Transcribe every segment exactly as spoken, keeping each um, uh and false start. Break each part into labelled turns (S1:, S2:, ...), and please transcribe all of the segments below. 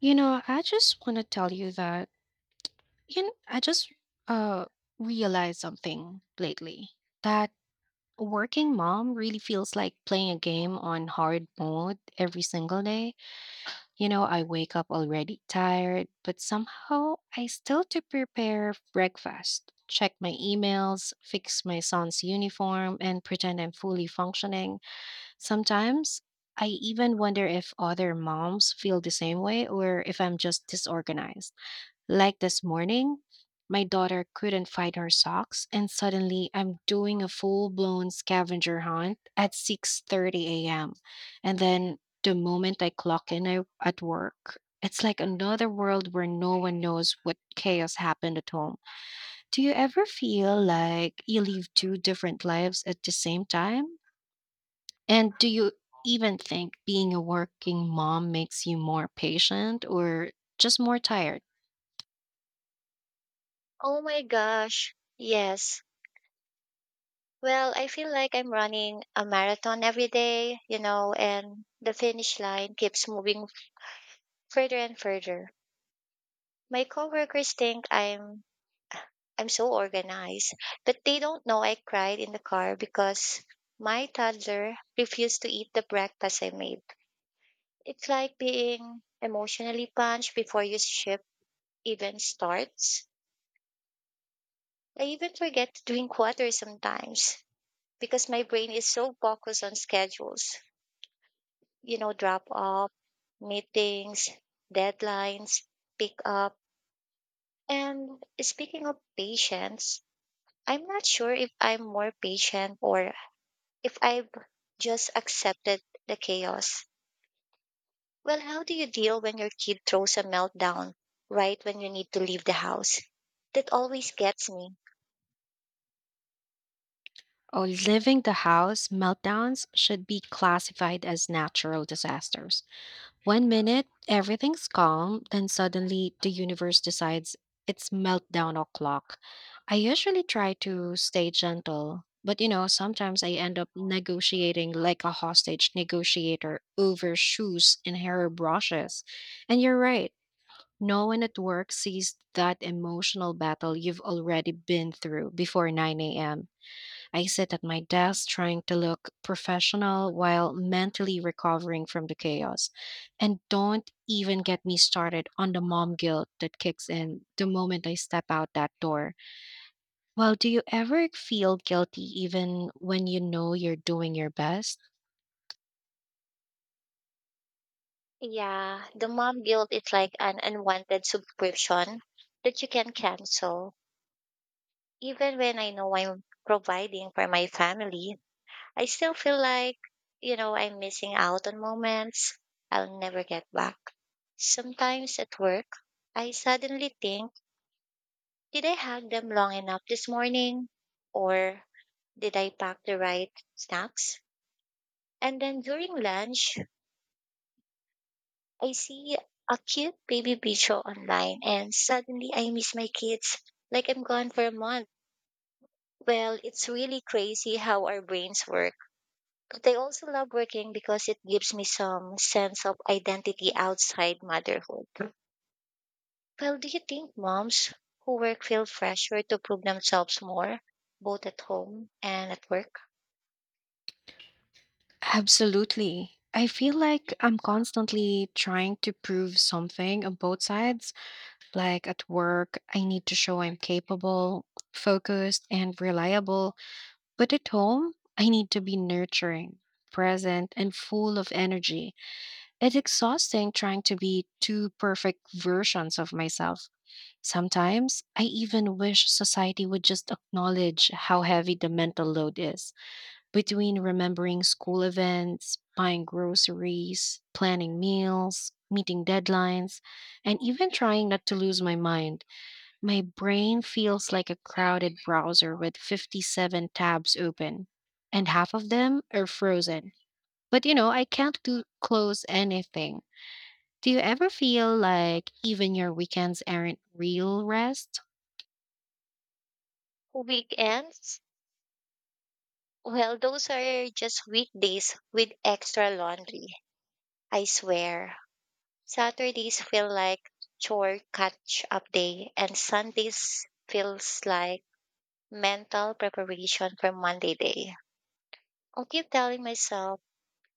S1: You know, I just want to tell you that you know, I just uh realized something lately that a working mom really feels like playing a game on hard mode every single day. You know, I wake up already tired, but somehow I still to prepare breakfast, check my emails, fix my son's uniform, and pretend I'm fully functioning. Sometimes I even wonder if other moms feel the same way or if I'm just disorganized. Like this morning, my daughter couldn't find her socks and suddenly I'm doing a full-blown scavenger hunt at six thirty a m. And then the moment I clock in I- at work, it's like another world where no one knows what chaos happened at home. Do you ever feel like you live two different lives at the same time? And do you even think being a working mom makes you more patient or just more tired?
S2: Oh my gosh. Yes. Well, I feel like I'm running a marathon every day, you know, and the finish line keeps moving further and further. My coworkers think I'm I'm so organized, but they don't know I cried in the car because my toddler refused to eat the breakfast I made. It's like being emotionally punched before your shift even starts. I even forget to drink water sometimes, because my brain is so focused on schedules, you know, drop off, meetings, deadlines, pick up. And speaking of patience, I'm not sure if I'm more patient or if I've just accepted the chaos. Well, how do you deal when your kid throws a meltdown right when you need to leave the house? That always gets me.
S1: Oh, leaving the house, meltdowns should be classified as natural disasters. One minute, everything's calm, then suddenly the universe decides it's meltdown o'clock. I usually try to stay gentle, but you know, sometimes I end up negotiating like a hostage negotiator over shoes and hair brushes. And you're right, no one at work sees that emotional battle you've already been through before nine a m. I sit at my desk trying to look professional while mentally recovering from the chaos. And don't even get me started on the mom guilt that kicks in the moment I step out that door. Well, do you ever feel guilty even when you know you're doing your best?
S2: Yeah, the mom guilt is like an unwanted subscription that you can cancel. Even when I know I'm providing for my family, I still feel like, you know, I'm missing out on moments I'll never get back. Sometimes at work, I suddenly think, did I hug them long enough this morning? Or did I pack the right snacks? And then during lunch, I see a cute baby picture online and suddenly I miss my kids like I'm gone for a month. Well, it's really crazy how our brains work. But I also love working because it gives me some sense of identity outside motherhood. Well, do you think moms who work feel pressure to prove themselves more, both at home and at work?
S1: Absolutely. I feel like I'm constantly trying to prove something on both sides. Like at work, I need to show I'm capable, focused, and reliable. But at home, I need to be nurturing, present, and full of energy. It's exhausting trying to be two perfect versions of myself. Sometimes I even wish society would just acknowledge how heavy the mental load is. Between remembering school events, buying groceries, planning meals, meeting deadlines, and even trying not to lose my mind, my brain feels like a crowded browser with fifty-seven tabs open, and half of them are frozen. But you know, I can't do, close anything. Do you ever feel like even your weekends aren't real rest?
S2: Weekends? Well, those are just weekdays with extra laundry. I swear. Saturdays feel like chore catch up day, and Sundays feels like mental preparation for Monday day. I keep telling myself,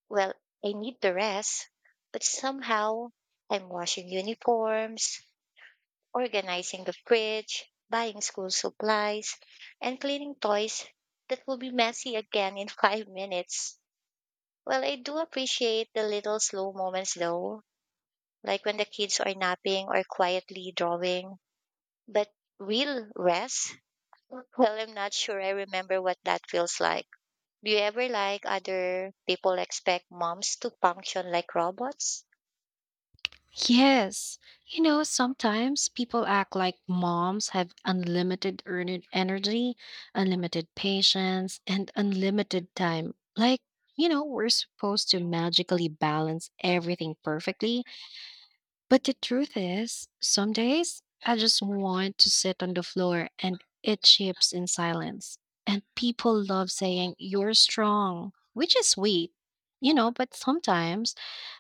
S2: well, I need the rest, but somehow I'm washing uniforms, organizing the fridge, buying school supplies, and cleaning toys that will be messy again in five minutes. Well, I do appreciate the little slow moments though, like when the kids are napping or quietly drawing, but real rest? Well, I'm not sure I remember what that feels like. Do you ever like other people expect moms to function like robots?
S1: Yes. You know, sometimes people act like moms have unlimited earned energy, unlimited patience, and unlimited time. Like, you know, we're supposed to magically balance everything perfectly. But the truth is, some days I just want to sit on the floor and eat chips in silence. And people love saying, "You're strong," which is sweet, you know, but sometimes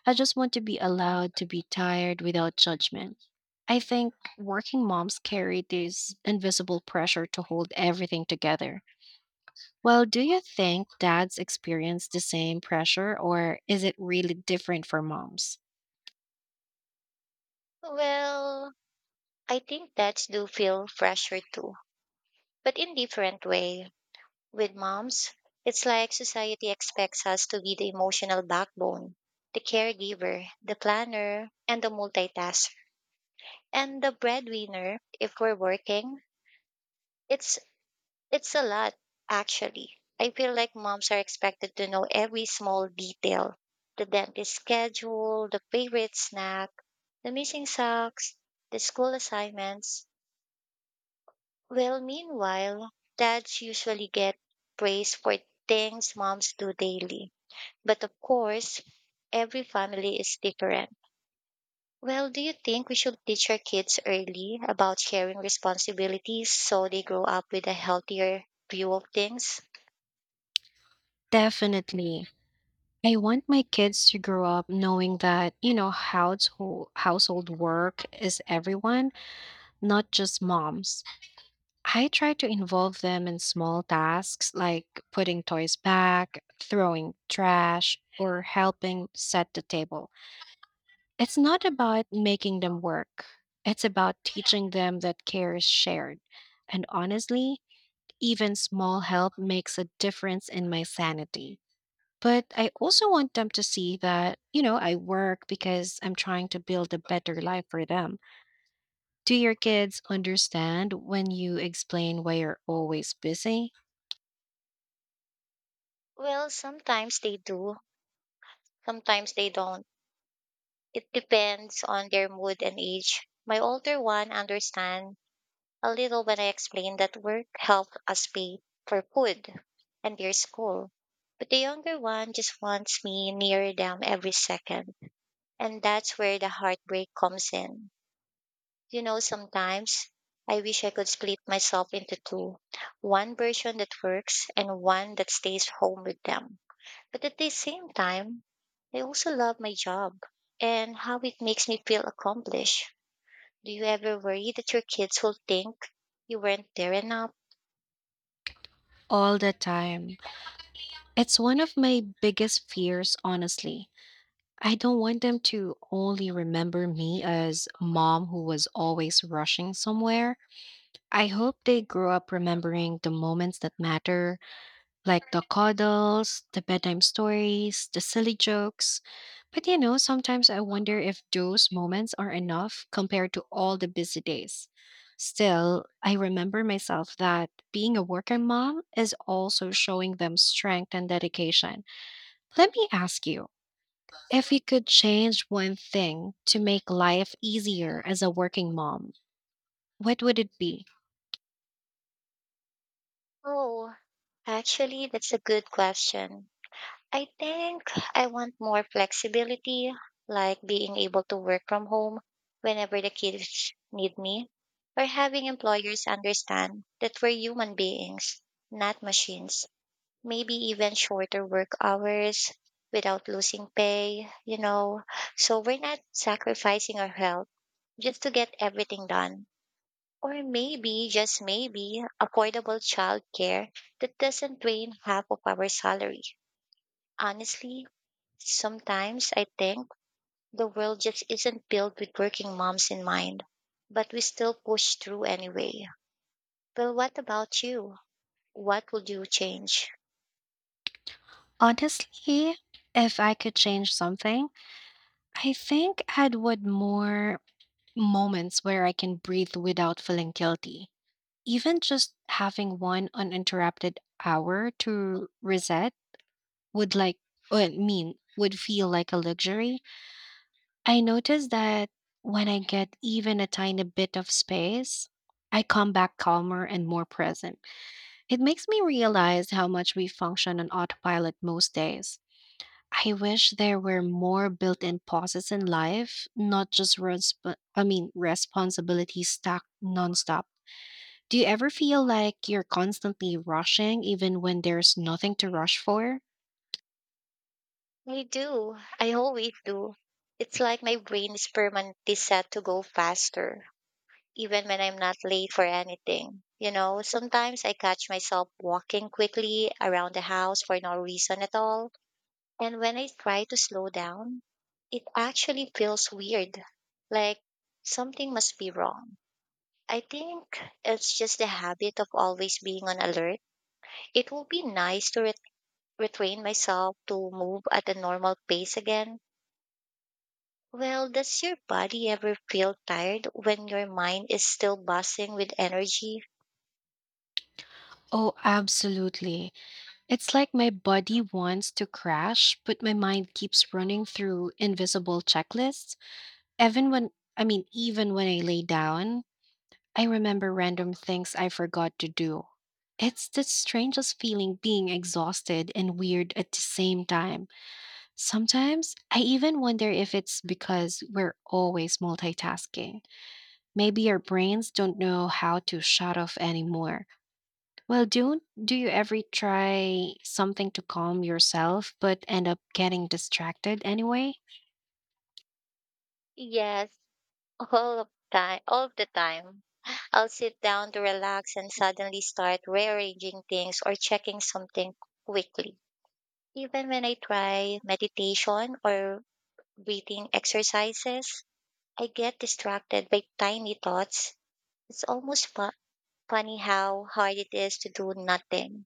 S1: I just want to be allowed to be tired without judgment. I think working moms carry this invisible pressure to hold everything together. Well, do you think dads experience the same pressure, or is it really different for moms?
S2: Well, I think dads do feel pressure too, but in different way. With moms, it's like society expects us to be the emotional backbone, the caregiver, the planner, and the multitasker, and the breadwinner if we're working. It's it's a lot actually. I feel like moms are expected to know every small detail, the dentist schedule, the favorite snack, the missing socks, the school assignments. Well, meanwhile, dads usually get praise for things moms do daily. But of course, every family is different. Well, do you think we should teach our kids early about sharing responsibilities so they grow up with a healthier view of things?
S1: Definitely. I want my kids to grow up knowing that, you know, household household work is everyone, not just moms. I try to involve them in small tasks like putting toys back, throwing trash, or helping set the table. It's not about making them work. It's about teaching them that care is shared. And honestly, even small help makes a difference in my sanity. But I also want them to see that, you know, I work because I'm trying to build a better life for them. Do your kids understand when you explain why you're always busy?
S2: Well, sometimes they do, sometimes they don't. It depends on their mood and age. My older one understands a little when I explained that work helped us pay for food and their school. But the younger one just wants me near them every second. And that's where the heartbreak comes in. You know, sometimes I wish I could split myself into two, one version that works and one that stays home with them. But at the same time, I also love my job and how it makes me feel accomplished. Do you ever worry that your kids will think you weren't there enough?
S1: All the time. It's one of my biggest fears, honestly. I don't want them to only remember me as mom who was always rushing somewhere. I hope they grow up remembering the moments that matter, like the cuddles, the bedtime stories, the silly jokes. But you know, sometimes I wonder if those moments are enough compared to all the busy days. Still, I remember myself that being a working mom is also showing them strength and dedication. Let me ask you, if you could change one thing to make life easier as a working mom, what would it be?
S2: Oh, actually, that's a good question. I think I want more flexibility, like being able to work from home whenever the kids need me, or having employers understand that we're human beings, not machines. Maybe even shorter work hours without losing pay, you know, so we're not sacrificing our health just to get everything done. Or maybe, just maybe, affordable childcare that doesn't drain half of our salary. Honestly, sometimes I think the world just isn't built with working moms in mind, but we still push through anyway. Well, what about you? What would you change?
S1: Honestly, if I could change something, I think I'd would more moments where I can breathe without feeling guilty. Even just having one uninterrupted hour to reset would like would mean would feel like a luxury. I notice that when I get even a tiny bit of space, I come back calmer and more present. It makes me realize how much we function on autopilot most days. I wish there were more built-in pauses in life, not just resp- I mean responsibilities stacked nonstop. Do you ever feel like you're constantly rushing even when there's nothing to rush for?
S2: I do. I always do. It's like my brain is permanently set to go faster, even when I'm not late for anything. You know, sometimes I catch myself walking quickly around the house for no reason at all. And when I try to slow down, it actually feels weird, like something must be wrong. I think it's just the habit of always being on alert. It will be nice to ret- retrain myself to move at a normal pace again. Well, does your body ever feel tired when your mind is still buzzing with energy?
S1: Oh, absolutely. It's like my body wants to crash, but my mind keeps running through invisible checklists. Even when I mean even when I lay down, I remember random things I forgot to do. It's the strangest feeling being exhausted and weird at the same time. Sometimes I even wonder if it's because we're always multitasking. Maybe our brains don't know how to shut off anymore. Well, do do you ever try something to calm yourself but end up getting distracted anyway?
S2: Yes, all of time all of the time. I'll sit down to relax and suddenly start rearranging things or checking something quickly. Even when I try meditation or breathing exercises, I get distracted by tiny thoughts. It's almost fu- funny how hard it is to do nothing.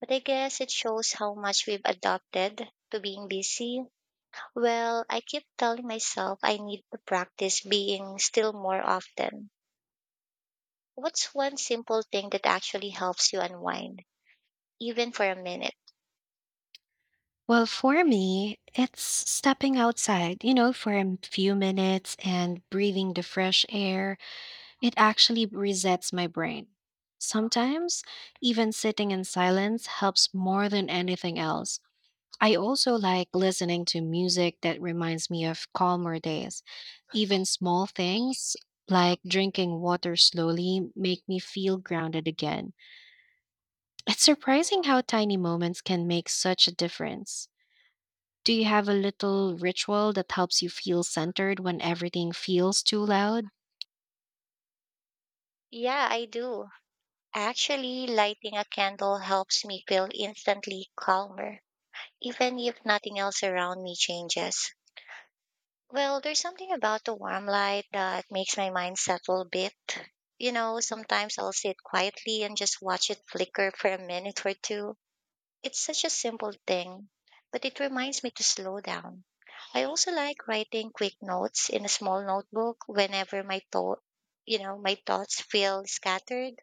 S2: But I guess it shows how much we've adopted to being busy. Well, I keep telling myself I need to practice being still more often. What's one simple thing that actually helps you unwind, even for a minute?
S1: Well, for me, it's stepping outside, you know, for a few minutes and breathing the fresh air. It actually resets my brain. Sometimes, even sitting in silence helps more than anything else. I also like listening to music that reminds me of calmer days. Even small things like drinking water slowly make me feel grounded again. It's surprising how tiny moments can make such a difference. Do you have a little ritual that helps you feel centered when everything feels too loud?
S2: Yeah, I do. Actually, lighting a candle helps me feel instantly calmer, even if nothing else around me changes. Well, there's something about the warm light that makes my mind settle a bit. You know, sometimes I'll sit quietly and just watch it flicker for a minute or two. It's such a simple thing, but it reminds me to slow down. I also like writing quick notes in a small notebook whenever my thought, you know, my thoughts feel scattered.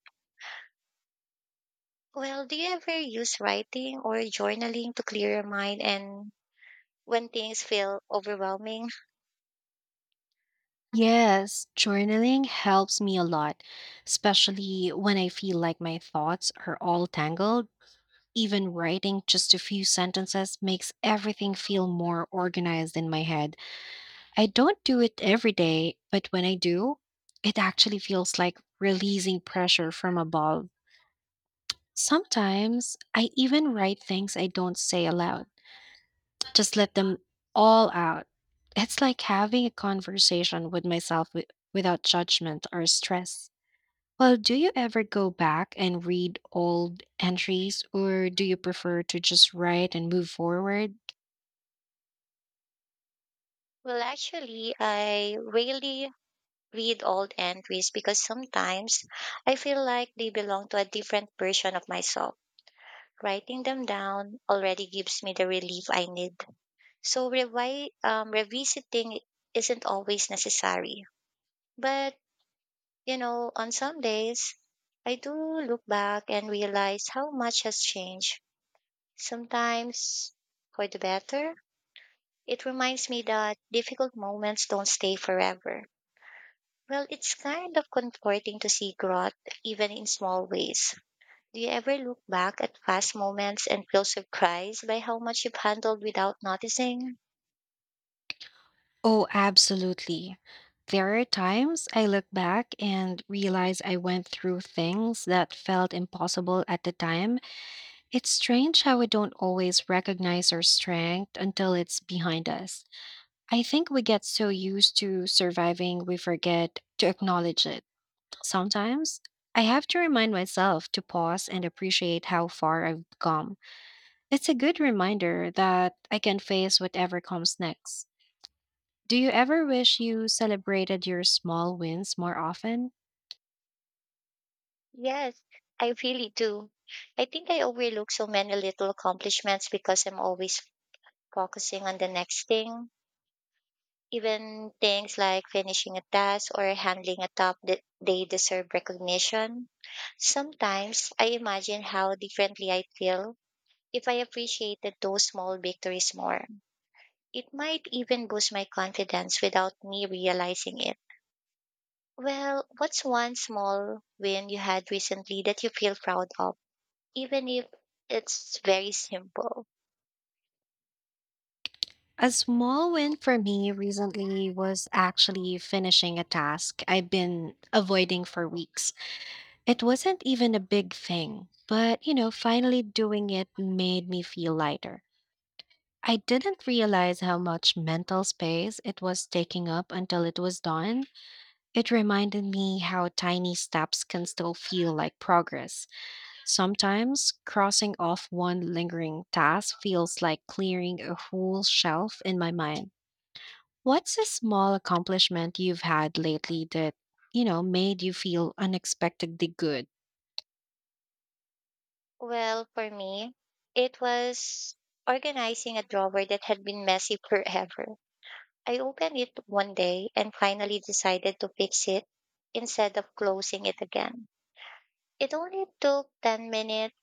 S2: Well, do you ever use writing or journaling to clear your mind and when things feel overwhelming?
S1: Yes, journaling helps me a lot, especially when I feel like my thoughts are all tangled. Even writing just a few sentences makes everything feel more organized in my head. I don't do it every day, but when I do, it actually feels like releasing pressure from above. Sometimes I even write things I don't say aloud. Just let them all out. It's like having a conversation with myself wi- without judgment or stress. Well, do you ever go back and read old entries, or do you prefer to just write and move forward?
S2: Well, actually, I rarely read old entries because sometimes I feel like they belong to a different version of myself. Writing them down already gives me the relief I need. So revi- um, revisiting isn't always necessary. But, you know, on some days, I do look back and realize how much has changed. Sometimes for the better. It reminds me that difficult moments don't stay forever. Well, it's kind of comforting to see growth even in small ways. Do you ever look back at past moments and feel surprised by how much you've handled without noticing?
S1: Oh, absolutely. There are times I look back and realize I went through things that felt impossible at the time. It's strange how we don't always recognize our strength until it's behind us. I think we get so used to surviving, we forget to acknowledge it. Sometimes I have to remind myself to pause and appreciate how far I've come. It's a good reminder that I can face whatever comes next. Do you ever wish you celebrated your small wins more often?
S2: Yes, I really do. I think I overlook so many little accomplishments because I'm always focusing on the next thing. Even things like finishing a task or handling a top that they deserve recognition. Sometimes I imagine how differently I'd feel if I appreciated those small victories more. It might even boost my confidence without me realizing it. Well, what's one small win you had recently that you feel proud of? Even if it's very simple.
S1: A small win for me recently was actually finishing a task I've been avoiding for weeks. It wasn't even a big thing, but you know, finally doing it made me feel lighter. I didn't realize how much mental space it was taking up until it was done. It reminded me how tiny steps can still feel like progress. Sometimes crossing off one lingering task feels like clearing a whole shelf in my mind. What's a small accomplishment you've had lately that, you know, made you feel unexpectedly good?
S2: Well, for me, it was organizing a drawer that had been messy forever. I opened it one day and finally decided to fix it instead of closing it again. It only took ten minutes,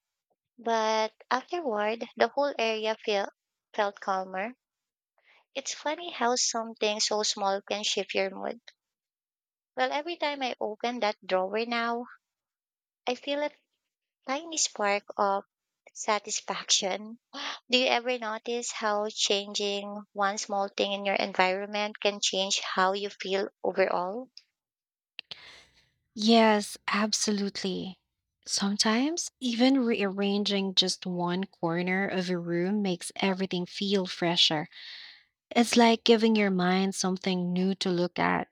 S2: but afterward, the whole area feel, felt calmer. It's funny how something so small can shift your mood. Well, every time I open that drawer now, I feel a tiny spark of satisfaction. Do you ever notice how changing one small thing in your environment can change how you feel overall?
S1: Yes, absolutely. Sometimes, even rearranging just one corner of a room makes everything feel fresher. It's like giving your mind something new to look at.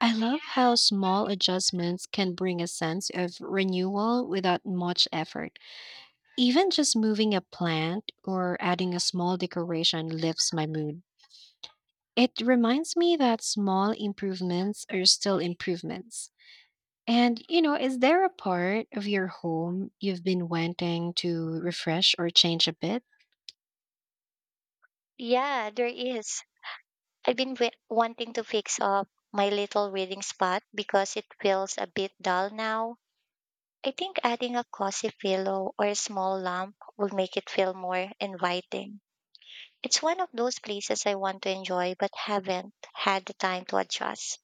S1: I love how small adjustments can bring a sense of renewal without much effort. Even just moving a plant or adding a small decoration lifts my mood. It reminds me that small improvements are still improvements. And, you know, is there a part of your home you've been wanting to refresh or change a bit?
S2: Yeah, there is. I've been wi- wanting to fix up my little reading spot because it feels a bit dull now. I think adding a cozy pillow or a small lamp will make it feel more inviting. It's one of those places I want to enjoy but haven't had the time to adjust.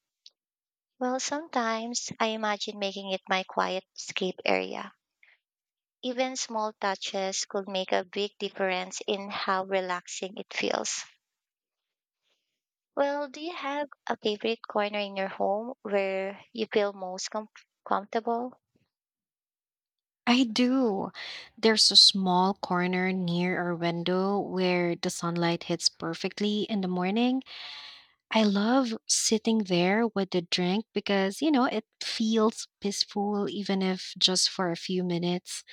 S2: Well, sometimes I imagine making it my quiet escape area. Even small touches could make a big difference in how relaxing it feels. Well, do you have a favorite corner in your home where you feel most com- comfortable?
S1: I do. There's a small corner near our window where the sunlight hits perfectly in the morning. I love sitting there with a drink because, you know, it feels peaceful, even if just for a few minutes.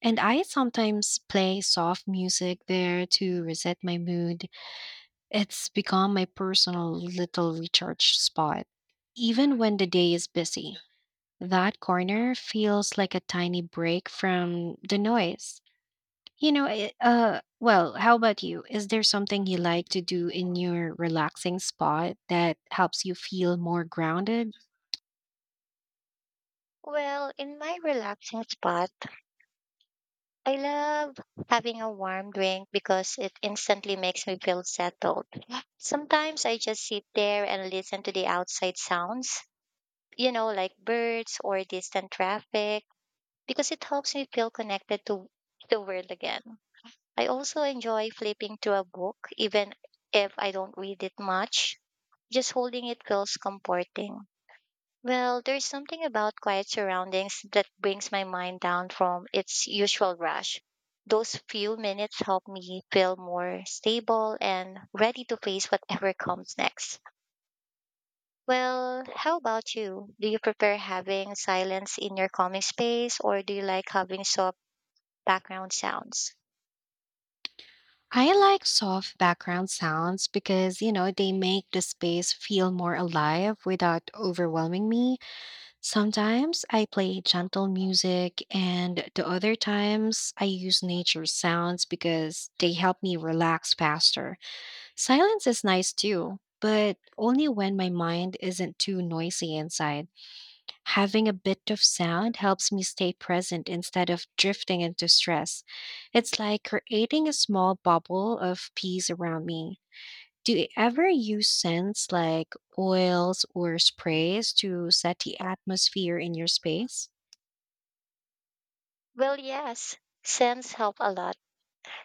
S1: And I sometimes play soft music there to reset my mood. It's become my personal little recharge spot. Even when the day is busy, that corner feels like a tiny break from the noise. You know, I- uh, well, how about you? Is there something you like to do in your relaxing spot that helps you feel more grounded?
S2: Well, in my relaxing spot, I love having a warm drink because it instantly makes me feel settled. Sometimes I just sit there and listen to the outside sounds, you know, like birds or distant traffic because it helps me feel connected to the world again. I also enjoy flipping through a book, even if I don't read it much. Just holding it feels comforting. Well, there's something about quiet surroundings that brings my mind down from its usual rush. Those few minutes help me feel more stable and ready to face whatever comes next. Well, how about you? Do you prefer having silence in your calming space or do you like having soft background sounds?
S1: I like soft background sounds because, you know, they make the space feel more alive without overwhelming me. Sometimes I play gentle music, and the other times I use nature sounds because they help me relax faster. Silence is nice too, but only when my mind isn't too noisy inside. Having a bit of sound helps me stay present instead of drifting into stress. It's like creating a small bubble of peace around me. Do you ever use scents like oils or sprays to set the atmosphere in your space?
S2: Well, yes, scents help a lot,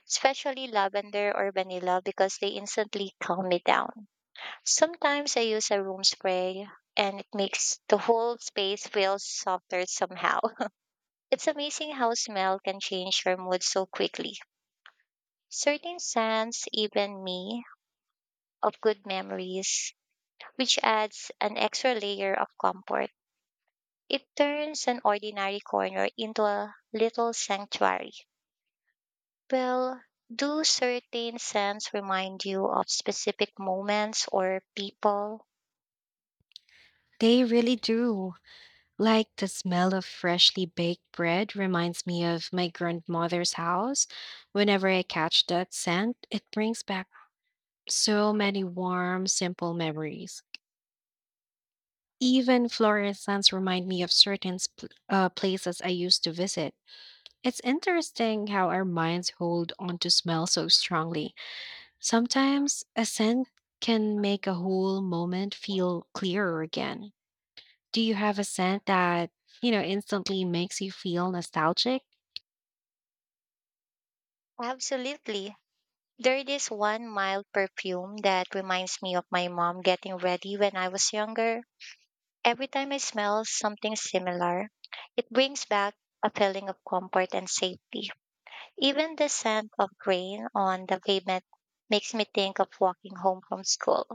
S2: especially lavender or vanilla because they instantly calm me down. Sometimes I use a room spray and it makes the whole space feel softer somehow. It's amazing how smell can change your mood so quickly. Certain scents even me of good memories, which adds an extra layer of comfort. It turns an ordinary corner into a little sanctuary. Well, do certain scents remind you of specific moments or people?
S1: They really do. Like the smell of freshly baked bread reminds me of my grandmother's house. Whenever I catch that scent, it brings back so many warm, simple memories. Even floral scents remind me of certain sp- uh, places I used to visit. It's interesting how our minds hold on to smell so strongly. Sometimes a scent can make a whole moment feel clearer again. Do you have a scent that, you know, instantly makes you feel nostalgic?
S2: Absolutely. There is one mild perfume that reminds me of my mom getting ready when I was younger. Every time I smell something similar, it brings back a feeling of comfort and safety. Even the scent of grain on the pavement makes me think of walking home from school.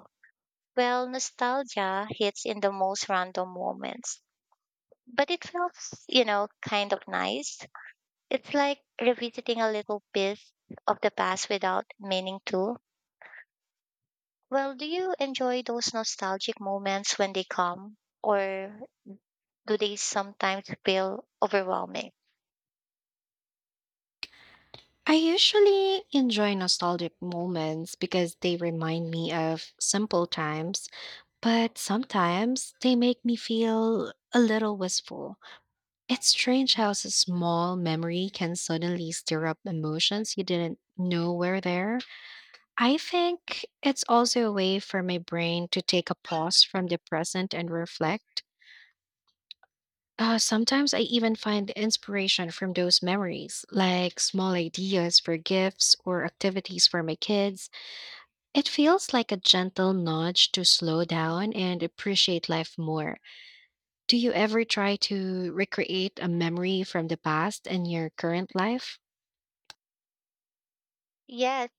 S2: Well, nostalgia hits in the most random moments but it feels, you know, kind of nice. It's like revisiting a little piece of the past without meaning to. Well, do you enjoy those nostalgic moments when they come, or do they sometimes feel overwhelming?
S1: I usually enjoy nostalgic moments because they remind me of simple times, but sometimes they make me feel a little wistful. It's strange how a small memory can suddenly stir up emotions you didn't know were there. I think it's also a way for my brain to take a pause from the present and reflect. Uh, sometimes I even find inspiration from those memories, like small ideas for gifts or activities for my kids. It feels like a gentle nudge to slow down and appreciate life more. Do you ever try to recreate a memory from the past in your current life?
S2: Yes,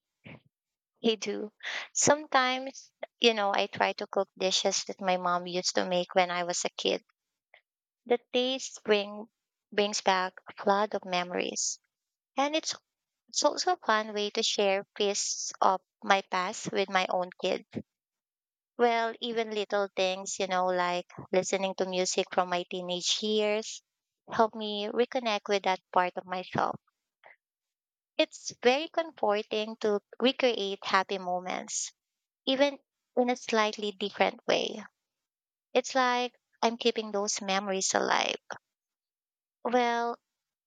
S2: they do. Sometimes, you know, I try to cook dishes that my mom used to make when I was a kid. The taste bring brings back a flood of memories, and it's it's also a fun way to share pieces of my past with my own kids. Well, even little things, you know, like listening to music from my teenage years help me reconnect with that part of myself. It's very comforting to recreate happy moments, even in a slightly different way. It's like I'm keeping those memories alive. Well,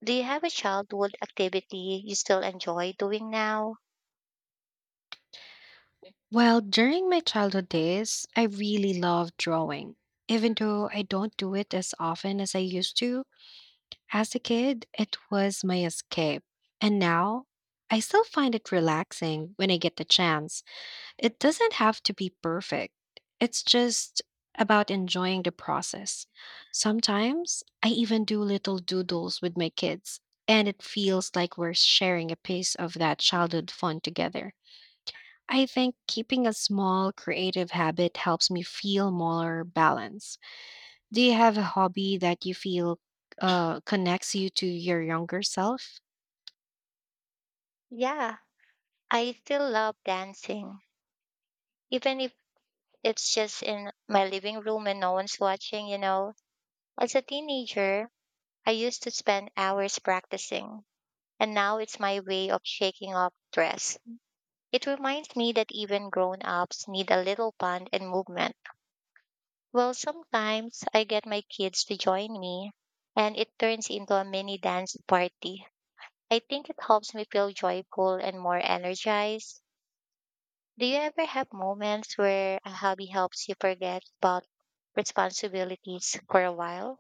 S2: do you have a childhood activity you still enjoy doing now?
S1: Well, during my childhood days, I really loved drawing. Even though I don't do it as often as I used to, as a kid, it was my escape. And now, I still find it relaxing when I get the chance. It doesn't have to be perfect, it's just about enjoying the process. Sometimes, I even do little doodles with my kids, and it feels like we're sharing a piece of that childhood fun together. I think keeping a small creative habit helps me feel more balanced. Do you have a hobby that you feel uh, connects you to your younger self?
S2: Yeah. I still love dancing, even if it's just in my living room and no one's watching, you know. As a teenager, I used to spend hours practicing, and now it's my way of shaking off stress. It reminds me that even grown ups need a little fun and movement. Well, sometimes I get my kids to join me, and it turns into a mini dance party. I think it helps me feel joyful and more energized. Do you ever have moments where a hobby helps you forget about responsibilities for a while?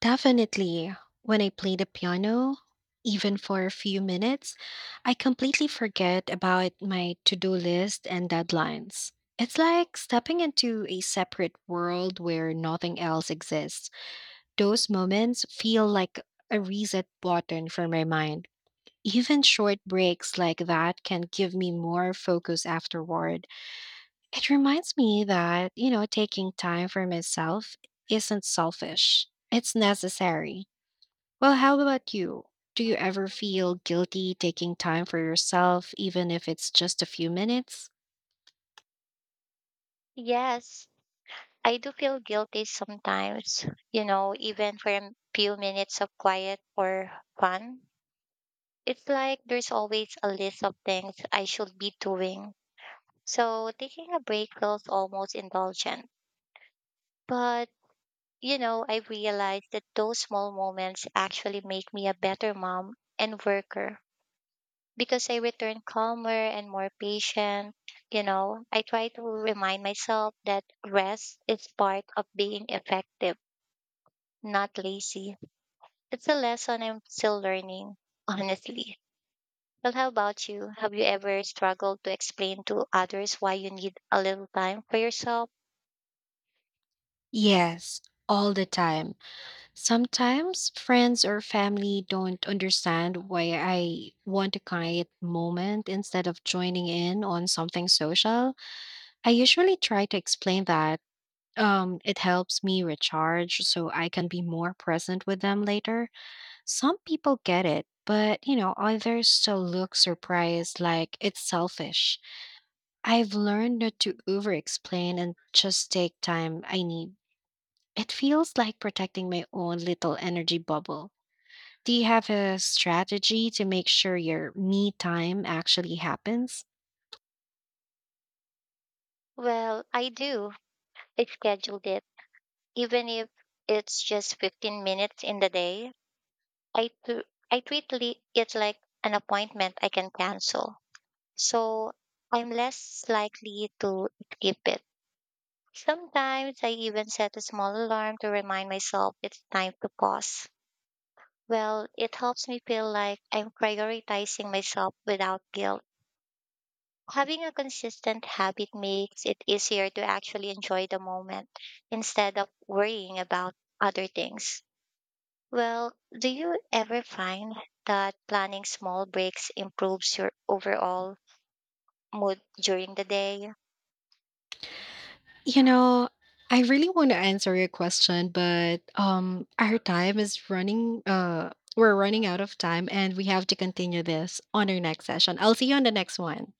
S1: Definitely. When I play the piano, even for a few minutes, I completely forget about my to do list and deadlines. It's like stepping into a separate world where nothing else exists. Those moments feel like a reset button for my mind. Even short breaks like that can give me more focus afterward. It reminds me that, you know, taking time for myself isn't selfish, it's necessary. Well, how about you? Do you ever feel guilty taking time for yourself, even if it's just a few minutes?
S2: Yes, I do feel guilty sometimes, you know, even for a few minutes of quiet or fun. It's like there's always a list of things I should be doing. So taking a break feels almost indulgent. But, you know, I realized that those small moments actually make me a better mom and worker because I return calmer and more patient. You know, I try to remind myself that rest is part of being effective, not lazy. It's a lesson I'm still learning, honestly. Well, how about you? Have you ever struggled to explain to others why you need a little time for yourself?
S1: Yes, all the time. Sometimes friends or family don't understand why I want a quiet moment instead of joining in on something social. I usually try to explain that um, it helps me recharge so I can be more present with them later. Some people get it, but you know, others still look surprised like it's selfish. I've learned not to over explain and just take time I need. It feels like protecting my own little energy bubble. Do you have a strategy to make sure your me time actually happens?
S2: Well, I do. I scheduled it, even if it's just fifteen minutes in the day. I, tr- I treat li- it like an appointment I can cancel, so I'm less likely to skip it. Sometimes I even set a small alarm to remind myself it's time to pause. Well, it helps me feel like I'm prioritizing myself without guilt. Having a consistent habit makes it easier to actually enjoy the moment instead of worrying about other things. Well, do you ever find that planning small breaks improves your overall mood during the day?
S1: You know, I really want to answer your question, but um our time is running uh we're running out of time and we have to continue this on our next session. I'll see you on the next one.